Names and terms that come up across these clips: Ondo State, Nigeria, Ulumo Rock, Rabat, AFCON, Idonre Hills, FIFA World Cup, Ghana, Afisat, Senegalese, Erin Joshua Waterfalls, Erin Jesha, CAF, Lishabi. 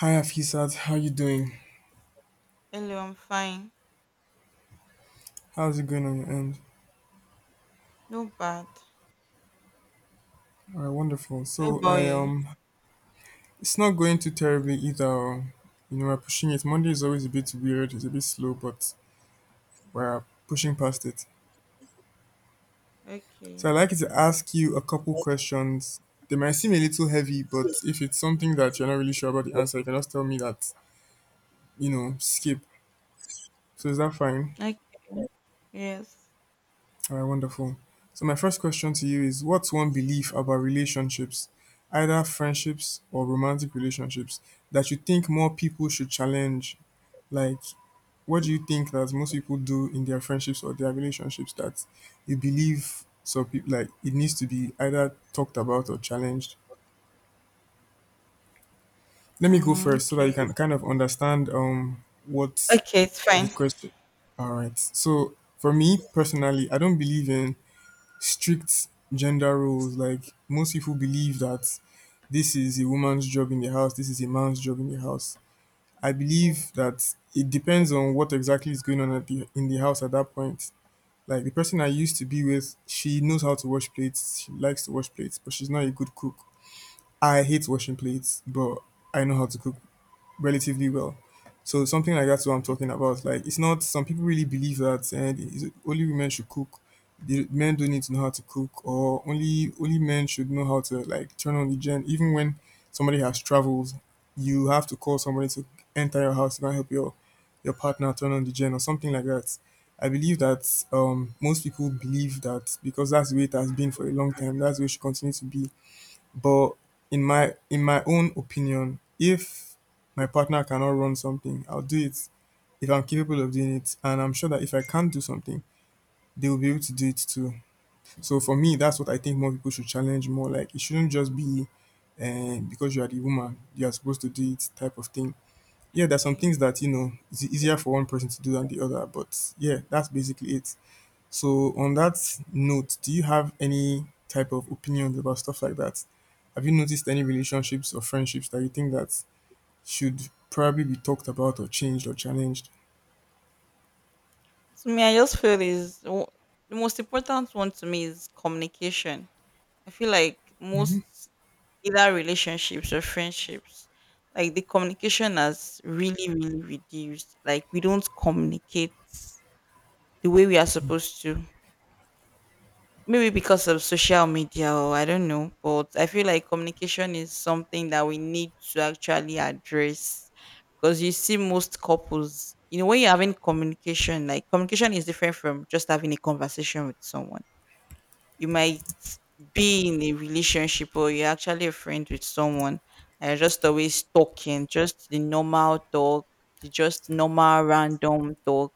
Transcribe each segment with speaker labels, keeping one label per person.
Speaker 1: Hi Afisat, how you doing?
Speaker 2: Hello, I'm fine.
Speaker 1: How's it going on your end?
Speaker 2: No bad.
Speaker 1: Alright, wonderful.
Speaker 2: How
Speaker 1: So
Speaker 2: about
Speaker 1: I
Speaker 2: you?
Speaker 1: it's not going too terribly either. You know, we're pushing it. Monday is always a bit weird. It's a bit slow, but we're pushing past it. So I'd
Speaker 2: Okay.
Speaker 1: like to ask you a couple questions. They might seem a little heavy, but if it's something that you're not really sure about the answer, you can just tell me that. You know, skip. So is that fine?
Speaker 2: Like yes.
Speaker 1: All right, wonderful. So, my first question to you is, what's one belief about relationships, either friendships or romantic relationships, that you think more people should challenge? Like, what do you think that most people do in their friendships or their relationships that you believe so people like it needs to be either talked about or challenged? Let me go
Speaker 2: Mm,
Speaker 1: first so that you
Speaker 2: okay.
Speaker 1: can kind of understand what
Speaker 2: Okay, it's
Speaker 1: the
Speaker 2: fine.
Speaker 1: question. All right. So, for me personally, I don't believe in strict gender roles. Like most people believe that this is a woman's job in the house, this is a man's job in the house. I
Speaker 2: Okay.
Speaker 1: believe that it depends on what exactly is going on at the, in the house at that point. Like the person I used to be with, she knows how to wash plates. She likes to wash plates, but she's not a good cook. I hate washing plates, but I know how to cook relatively well. So something like that's what I'm talking about. Like it's not some people really believe that and it's only women should cook. The men don't need to know how to cook or only men should know how to like turn on the gen. Even when somebody has traveled, you have to call somebody to enter your house to go and help your partner turn on the gen or something like that. I believe that most people believe that because that's the way it has been for a long time, that's the way it should continue to be. But in my own opinion, if my partner cannot run something, I'll do it if I'm capable of doing it. And I'm sure that if I can do something, they will be able to do it too. So for me, that's what I think more people should challenge more. Like it shouldn't just be because you are the woman, you are supposed to do it type of thing. Yeah, there's some things that you know it's easier for one person to do than the other. But yeah, that's basically it. So, on that note, do you have any type of opinions about stuff like that? Have you noticed any relationships or friendships that you think that should probably be talked about or changed or challenged?
Speaker 2: To me, I just feel is the most important one to me is communication. I feel like most either relationships or friendships, like the communication has really, really reduced. Like we don't communicate the way we are supposed to. Maybe because of social media or I don't know, but I feel like communication is something that we need to actually address because you see most couples, you know, when you're having communication, like communication is different from just having a conversation with someone. You might be in a relationship or you're actually a friend with someone and you're just always talking, just the normal talk, the just normal random talk.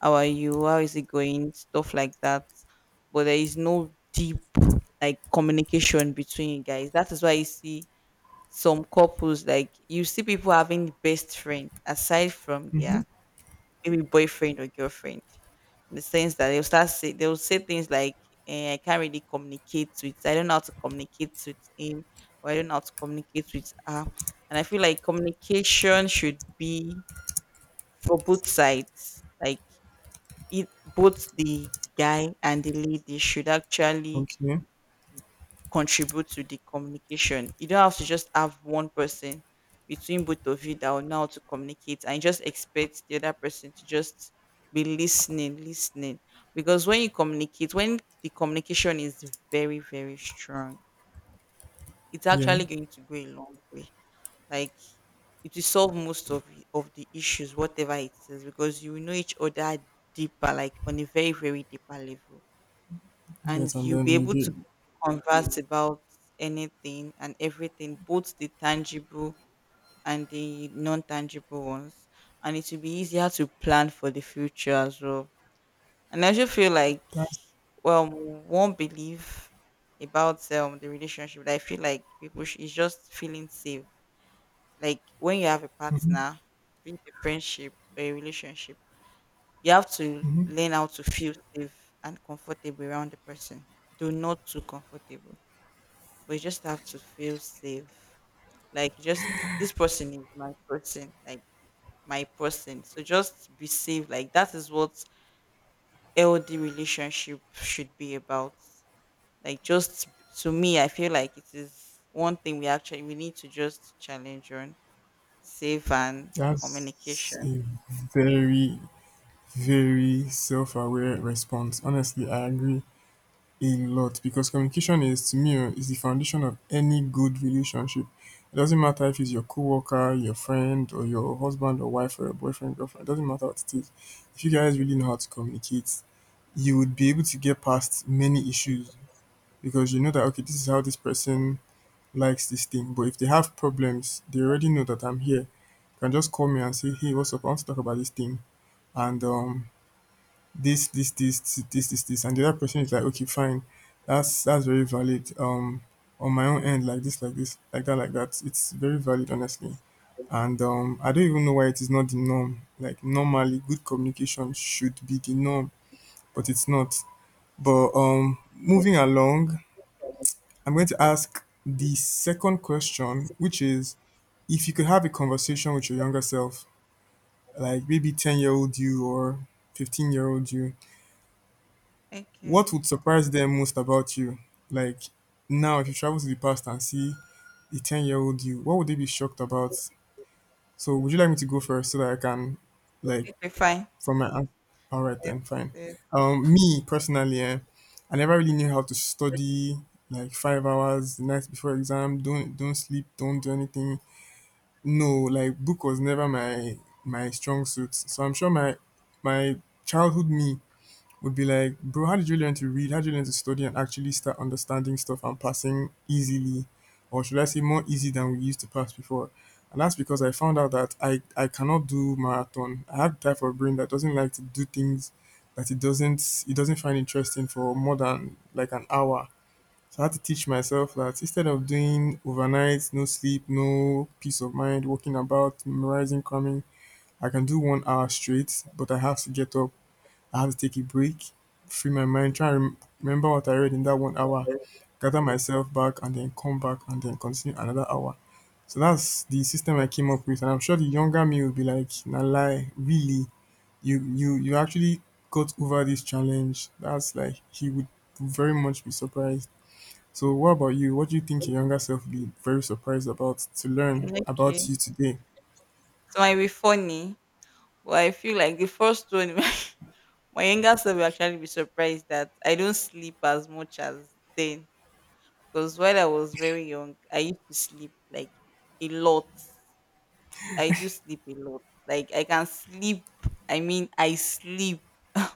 Speaker 2: How are you? How is it going? Stuff like that. But there is no deep like communication between you guys. That is why you see some couples, like you see people having best friend aside from
Speaker 1: Hmm.
Speaker 2: their maybe boyfriend or girlfriend. In the sense that they'll start say they'll say things like, eh, I can't really communicate with I don't know how to communicate with him or I don't know how to communicate with her. And I feel like communication should be for both sides. Like it both the guy and the lady should actually
Speaker 1: Okay.
Speaker 2: contribute to the communication. You don't have to just have one person between both of you that will know how to communicate and just expect the other person to just be listening, listening. Because when you communicate, when the communication is very, very strong, it's
Speaker 1: Yeah.
Speaker 2: actually going to go a long way. Like it will solve most of the issues, whatever it is, because you will know each other deeper, like on a very, very deeper level,
Speaker 1: Yes,
Speaker 2: and
Speaker 1: and
Speaker 2: you'll
Speaker 1: then
Speaker 2: be
Speaker 1: you
Speaker 2: able to
Speaker 1: did.
Speaker 2: converse about anything and everything, both the tangible and the non-tangible ones. And it will be easier to plan for the future as well. And I just feel like,
Speaker 1: That's
Speaker 2: well, one belief about the relationship that I feel like people is just feeling safe. Like when you have a partner, be it a friendship or a relationship, you have to learn how to feel safe and comfortable around the person. Do not too comfortable, but you just have to feel safe. Like just this person is my person, like my person. So just be safe. Like that is what LD relationship should be about. Like just to me, I feel like it is one thing we need to just challenge on safe and
Speaker 1: that's
Speaker 2: communication.
Speaker 1: a very very self-aware response. Honestly, I agree a lot, because communication is to me, oh, is the foundation of any good relationship. It doesn't matter if it's your coworker, your friend, or your husband or wife or your boyfriend, girlfriend. It doesn't matter what it is. If you guys really know how to communicate, you would be able to get past many issues because you know that okay, this is how this person likes this thing. But if they have problems, they already know that I'm here. You can just call me and say, "Hey, what's up? I want to talk about this thing. And this, this, this, this, this, this," and the other person is like, "Okay, fine, that's very valid." On my own end, like this, like this, like that, it's very valid, honestly. And I don't even know why it is not the norm. Like normally, good communication should be the norm, but it's not. But moving along, I'm going to ask the second question, which is, if you could have a conversation with your younger self, like maybe 10 year old you or 15 year old you, what
Speaker 2: Okay.
Speaker 1: would surprise them most about you? Like now, if you travel to the past and see the ten-year-old you, what would they be shocked about? So, would you like me to go first so that I can, like,
Speaker 2: Okay, fine.
Speaker 1: from my ans- all right
Speaker 2: Yes,
Speaker 1: then, fine.
Speaker 2: yes.
Speaker 1: Me personally, eh, I never really knew how to study like 5 hours the night before exam. Don't sleep. Don't do anything. No, like book was never my strong suit. So I'm sure my childhood me would be like, "Bro, how did you learn to read? How did you learn to study and actually start understanding stuff and passing easily? Or should I say more easy than we used to pass before?" And that's because I found out that I cannot do marathon. I have the type of brain that doesn't like to do things that it doesn't find interesting for more than like an hour. So I had to teach myself that instead of doing overnight, no sleep, no peace of mind, walking about, memorizing, cramming, I can do 1 hour straight, but I have to get up, I have to take a break, free my mind, try and remember what I read in that 1 hour, gather myself back, and then come back and then continue another hour. So that's the system I came up with, and I'm sure the younger me will be like, "Na lie, really? You actually got over this challenge?" That's like he would very much be surprised. So what about you? What do you think your younger self would be very surprised about to learn
Speaker 2: Okay.
Speaker 1: about you today?
Speaker 2: So might be funny, but I feel like the first one my younger self will actually be surprised that I don't sleep as much as then. Because while I was very young, I used to sleep like a lot. I do sleep a lot. Like I can sleep. I mean, I sleep.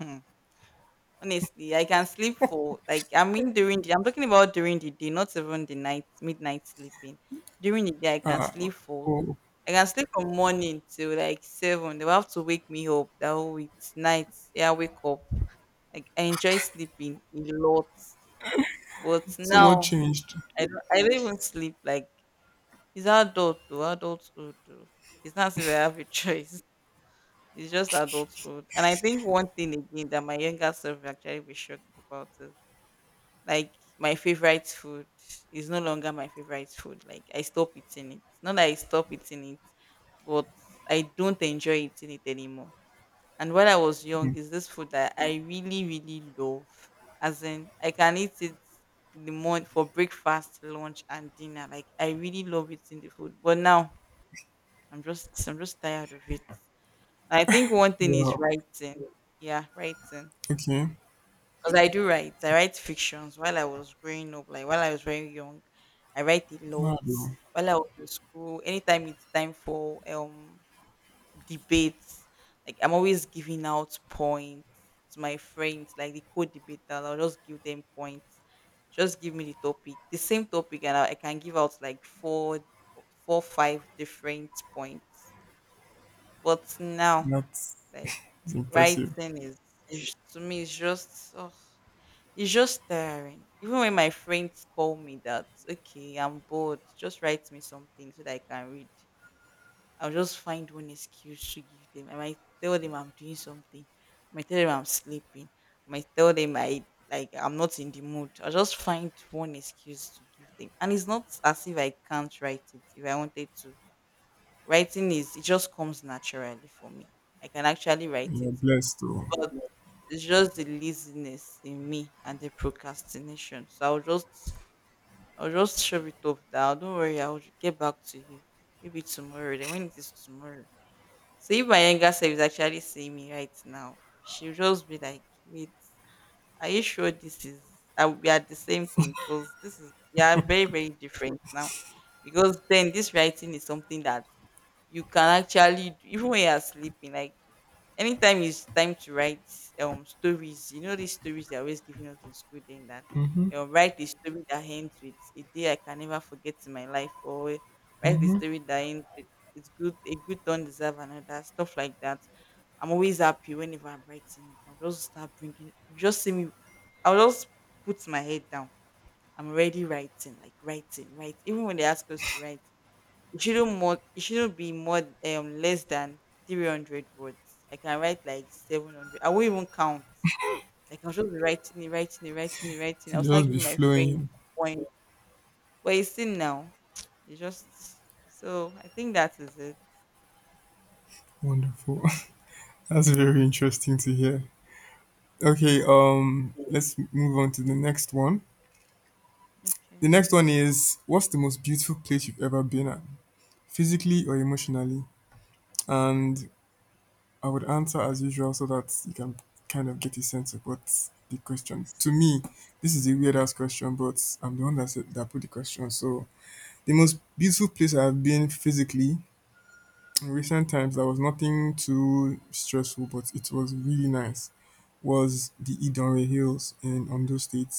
Speaker 2: Honestly, I can sleep for like I mean during the I'm talking about during the day, not even the night, midnight sleeping. During the day, I can sleep for
Speaker 1: Oh,
Speaker 2: I can sleep from morning till like seven. They will have to wake me up. That oh, it's night. Yeah, I wake up. Like I enjoy sleeping a lot, but
Speaker 1: so what
Speaker 2: now
Speaker 1: changed?
Speaker 2: I don't even sleep. Like it's adult though, adulthood. Though. It's not as if I have a choice. It's just adulthood. And I think one thing again that my younger self will actually be shocked about is like my favorite food is no longer my favorite food. Like I stop eating it. Not that I stop eating it, but I don't enjoy eating it anymore. And when I was young, is this food that I really, really love. As in, I can eat it in the morning for breakfast, lunch, and dinner. Like I really love it in the food. But now I'm just tired of it. I think one thing is
Speaker 1: Wow.
Speaker 2: writing. Yeah, writing.
Speaker 1: Okay.
Speaker 2: Because I do write. I write fictions while I was growing up, like while I was very young. I write a
Speaker 1: Mad,
Speaker 2: lot.
Speaker 1: oh.
Speaker 2: While I was in school, anytime it's time for debates. Like I'm always giving out points to my friends, like the co-debater. I'll just give them points. Just give me the topic, the same topic, and I can give out like four, four, five different points. But now,
Speaker 1: That's
Speaker 2: like
Speaker 1: it's impressive.
Speaker 2: writing is to me, it's just. Oh, it's just tiring. Even when my friends call me that, okay, I'm bored, just write me something so that I can read. I'll just find one excuse to give them. I might tell them I'm doing something. I might tell them I'm sleeping. I might tell them I like I'm not in the mood. I'll just find one excuse to give them. And it's not as if I can't write it if I wanted to. Writing is it just comes naturally for me. I can actually write
Speaker 1: You're
Speaker 2: it.
Speaker 1: blessed
Speaker 2: But it's just the laziness in me and the procrastination. So I'll just shove it off now. Don't worry, I'll get back to you. Maybe tomorrow. Then when it is tomorrow, so if my younger self is actually seeing me right now, she'll just be like, "Wait, are you sure this is? Are we are the same thing? Because this is we are very very different now. Because then this writing is something that you can actually even when you're sleeping like anytime it's time to write stories, you know these stories they're always giving us in school. Then that write a story that ends with a day I can never forget in my life or well, write the story that ends with it's good a good don't deserve another stuff like that. I'm always happy whenever I'm writing it. I'll just start bringing you just see me. I'll just put my head down. I'm already writing like writing right even when they ask us to write It shouldn't be more less than 300 words. I can write like 700. I won't even count. Like I'll just be writing it, writing it, writing it, writing.
Speaker 1: to
Speaker 2: It. I'll start
Speaker 1: just be
Speaker 2: giving my friend
Speaker 1: flowing.
Speaker 2: point. But you see now, you just so I think that is it.
Speaker 1: Wonderful. That's very interesting to hear. Okay, let's move on to the next one. The
Speaker 2: Okay.
Speaker 1: next one is, what's the most beautiful place you've ever been at, physically or emotionally? And I would answer as usual so that you can kind of get a sense of what's the question. To me, this is a weird ass question, but I'm the one that said that put the question. So the most beautiful place I've been physically in recent times, there was nothing too stressful, but it was really nice, was the Idonre Hills in Ondo State.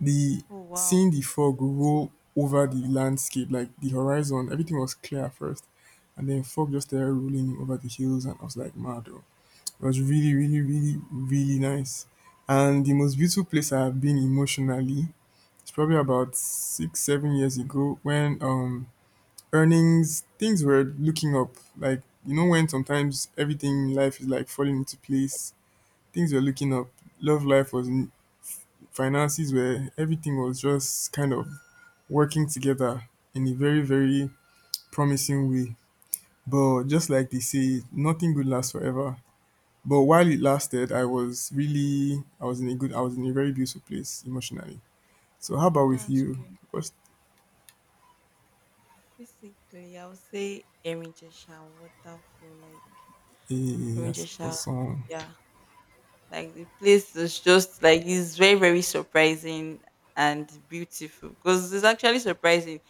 Speaker 1: The
Speaker 2: Oh wow,
Speaker 1: Seeing the fog roll over the landscape, like the horizon, everything was clear at first, and then fog just started rolling over the hills, and I was like, "Mad, oh." It was really, really, really, really nice. And the most beautiful place I have been emotionally, it's probably about six, 7 years ago when earnings, things were looking up. Like, you know, when sometimes everything in life is like falling into place, things were looking up. Love life was, finances were, everything was just kind of working together in a very, very promising way. But just like they say, nothing good lasts forever. But while it lasted, I was really, I was in a good, I was in a very beautiful place emotionally. So, how about with
Speaker 2: that's
Speaker 1: you?
Speaker 2: good.
Speaker 1: What's,
Speaker 2: Physically, I would say Erin Jesha, waterful, like
Speaker 1: eh,
Speaker 2: Erin
Speaker 1: yes,
Speaker 2: Jesha.
Speaker 1: what's,
Speaker 2: Yeah, like the place is just like it's very very surprising and beautiful because it's actually surprising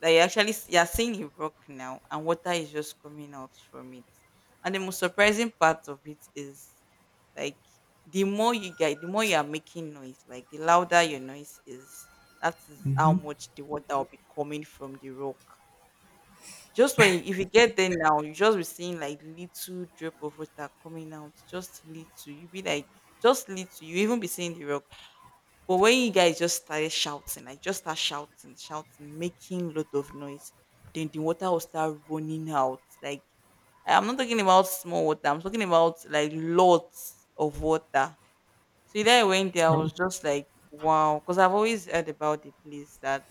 Speaker 2: that you are seeing a rock now and water is just coming out from it. And the most surprising part of it is like the more you get, the more you are making noise. Like the louder your noise is, that is how much the water will be coming from the rock. Just when if you get there now, you just be seeing like little drip of water coming out, just little. You be like, just little. You even be seeing the rock. But when you guys just started shouting, like just start shouting, shouting, making lot of noise, then the water will start running out. Like I'm not talking about small water. I'm talking about like lots of water. So that I went there, I
Speaker 1: I've
Speaker 2: was just like, wow, because I've always heard about the place that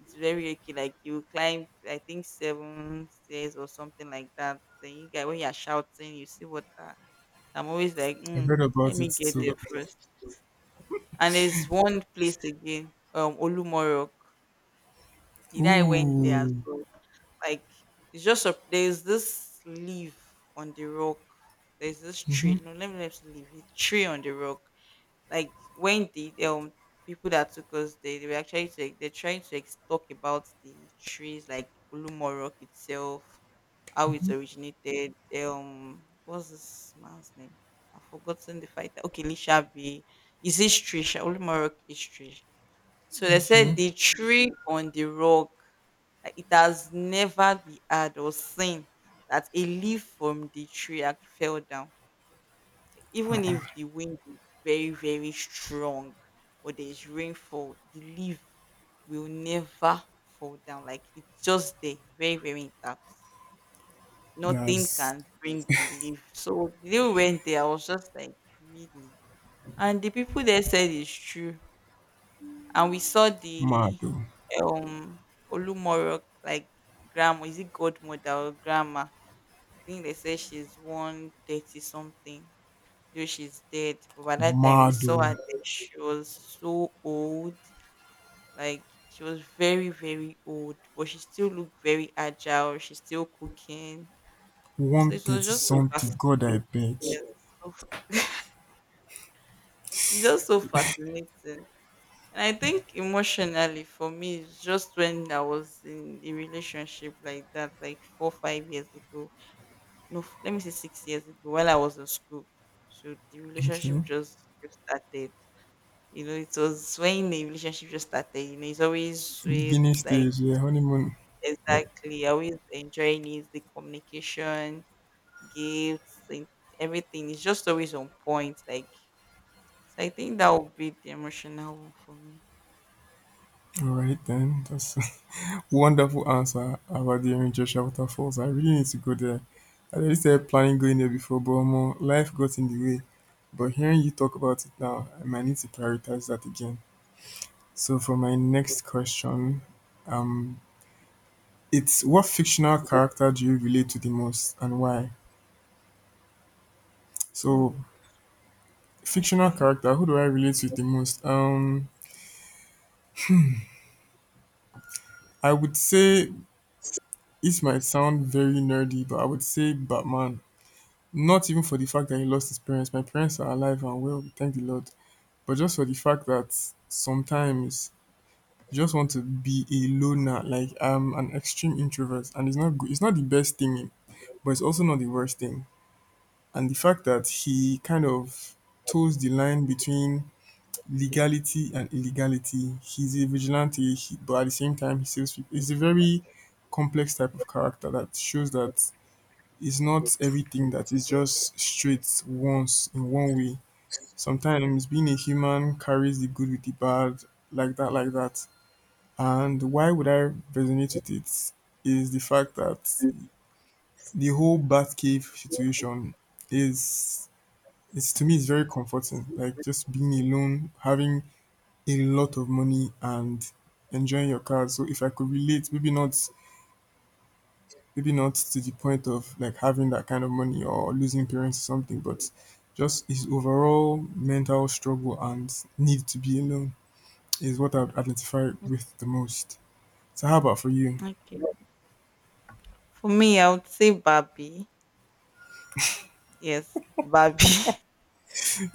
Speaker 2: it's very okay. Like you climb, I think seven stairs or something like that. Then you guys, when you're shouting, you see what that. I'm always like,
Speaker 1: I've
Speaker 2: mm,
Speaker 1: heard
Speaker 2: let
Speaker 1: about it
Speaker 2: me get there
Speaker 1: too.
Speaker 2: first. And there's one place again, Olumorok. The I went there as
Speaker 1: Ooh.
Speaker 2: well. Like it's just a there's this leaf on the rock. There's this
Speaker 1: Mhm.
Speaker 2: tree. No, let me let leave. It's tree on the rock like when the people that took us, they were actually to, they're trying to talk about the trees, like Ulumo Rock itself, how it originated. What's this man's name? I've forgotten the fighter. Okay, Lishabi. Is this tree? Ulumo Rock is tree. So they said
Speaker 1: Okay.
Speaker 2: the tree on the rock, like it has never been heard or seen that a leaf from the tree had fell down even if the wind is very very strong or there's rainfall, the leaf will never fall down. Like it's just there very very intact. Nothing
Speaker 1: That's
Speaker 2: can bring the leaf. So the day we went there, I was just like, really. And the people there said it's true. And we saw
Speaker 1: mad,
Speaker 2: the
Speaker 1: oh.
Speaker 2: um Olumoro, like grandma, is it godmother or grandma? I think they said she's 130 something, though she's dead. But by that time, we
Speaker 1: Mad,
Speaker 2: saw
Speaker 1: oh.
Speaker 2: her dead. She was so old. Like she was very, very old, but she still looked very agile. She's still cooking. So it
Speaker 1: 130
Speaker 2: was just so
Speaker 1: something. God, I
Speaker 2: fascinating.
Speaker 1: beg.
Speaker 2: Yes. so- It's just so fascinating. And I think emotionally for me, it's just when I was in a relationship like that, like four, 5 years ago. No, let me say 6 years ago, while I was in school. So the
Speaker 1: Okay.
Speaker 2: relationship just started. You know, it was when the relationship just started, you know, it's always sweet,
Speaker 1: Beginning
Speaker 2: like
Speaker 1: stage, yeah, honeymoon.
Speaker 2: exactly, I always enjoying it, the communication, gifts, and everything. It's just always on point. Like so I think that would be the emotional one for me.
Speaker 1: All right, then. That's wonderful answer about the Erin Joshua Waterfalls. I really need to go there. I really started planning going there before, but omo, life got in the way. But hearing you talk about it now, I might need to prioritize that again. So, for my next question, um, it's, what fictional character do you relate to the most and why? So,
Speaker 2: Oh,
Speaker 1: fictional
Speaker 2: okay.
Speaker 1: character, who do I relate to the most? I would say, it might sound very nerdy, but I would say Batman. Not even for the fact that he lost his parents. My parents are alive and well, thank the Lord. But just for the fact that sometimes you just want to be a loner. Like I'm an extreme introvert, and it's not good. It's not the best thing, but it's also not the worst thing. And the fact that he kind of toes the line between legality and illegality. He's a vigilante, he, but at the same time, he saves people. It's a very complex type of character that shows that it's not everything that is just straight once in one way. Sometimes being a human carries the good with the bad, like that, like that. And why would I resonate with it? Is the fact that the whole Batcave situation is, it's to me it's very comforting. Like just being alone, having a lot of money and enjoying your car. So if I could relate, maybe not, maybe not to the point of like having that kind of money or losing parents or something, but just his overall mental struggle and need to be alone is what I'd identify with the most. So how about for you?
Speaker 2: Okay. For me, I would say Barbie. Yes, Barbie.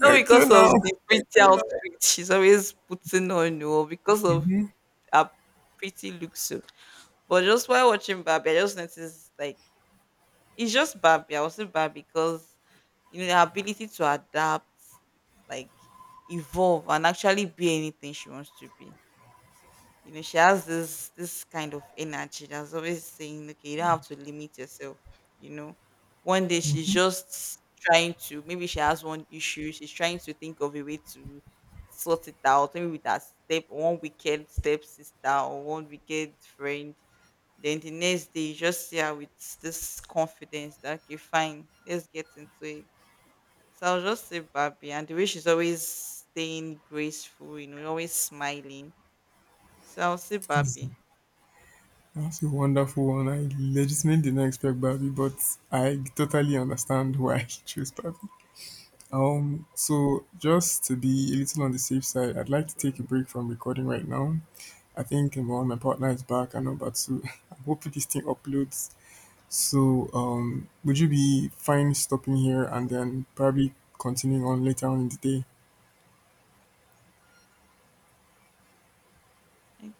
Speaker 2: Not
Speaker 1: Okay
Speaker 2: because
Speaker 1: now.
Speaker 2: of the pretty outfit she's always putting on, or because of her pretty looks. So. But just while watching Barbie, I just noticed like it's just bad. Yeah, I was say bad because you know the ability to adapt, like evolve, and actually be anything she wants to be. You know, she has this kind of energy that's always saying, "Okay, you don't have to limit yourself." You know, one day she's just trying to. Maybe she has one issue. She's trying to think of a way to sort it out. Maybe with her step one wicked step sister or one wicked friend, then the next day, you just see her with this confidence that okay, fine, let's get into it. So I'll just say Barbie, and the way she's always staying graceful, you know, always smiling. So I'll say
Speaker 1: That's,
Speaker 2: Barbie.
Speaker 1: that's a wonderful one. I legitimately did not expect Barbie, but I totally understand why she chose Barbie. So just to be a little on the safe side, I'd like to take a break from recording right now. I think number one, my partner is back and number two, I'm hoping this thing uploads. So would you be fine stopping here and then probably continuing on later on in the day?
Speaker 2: Okay.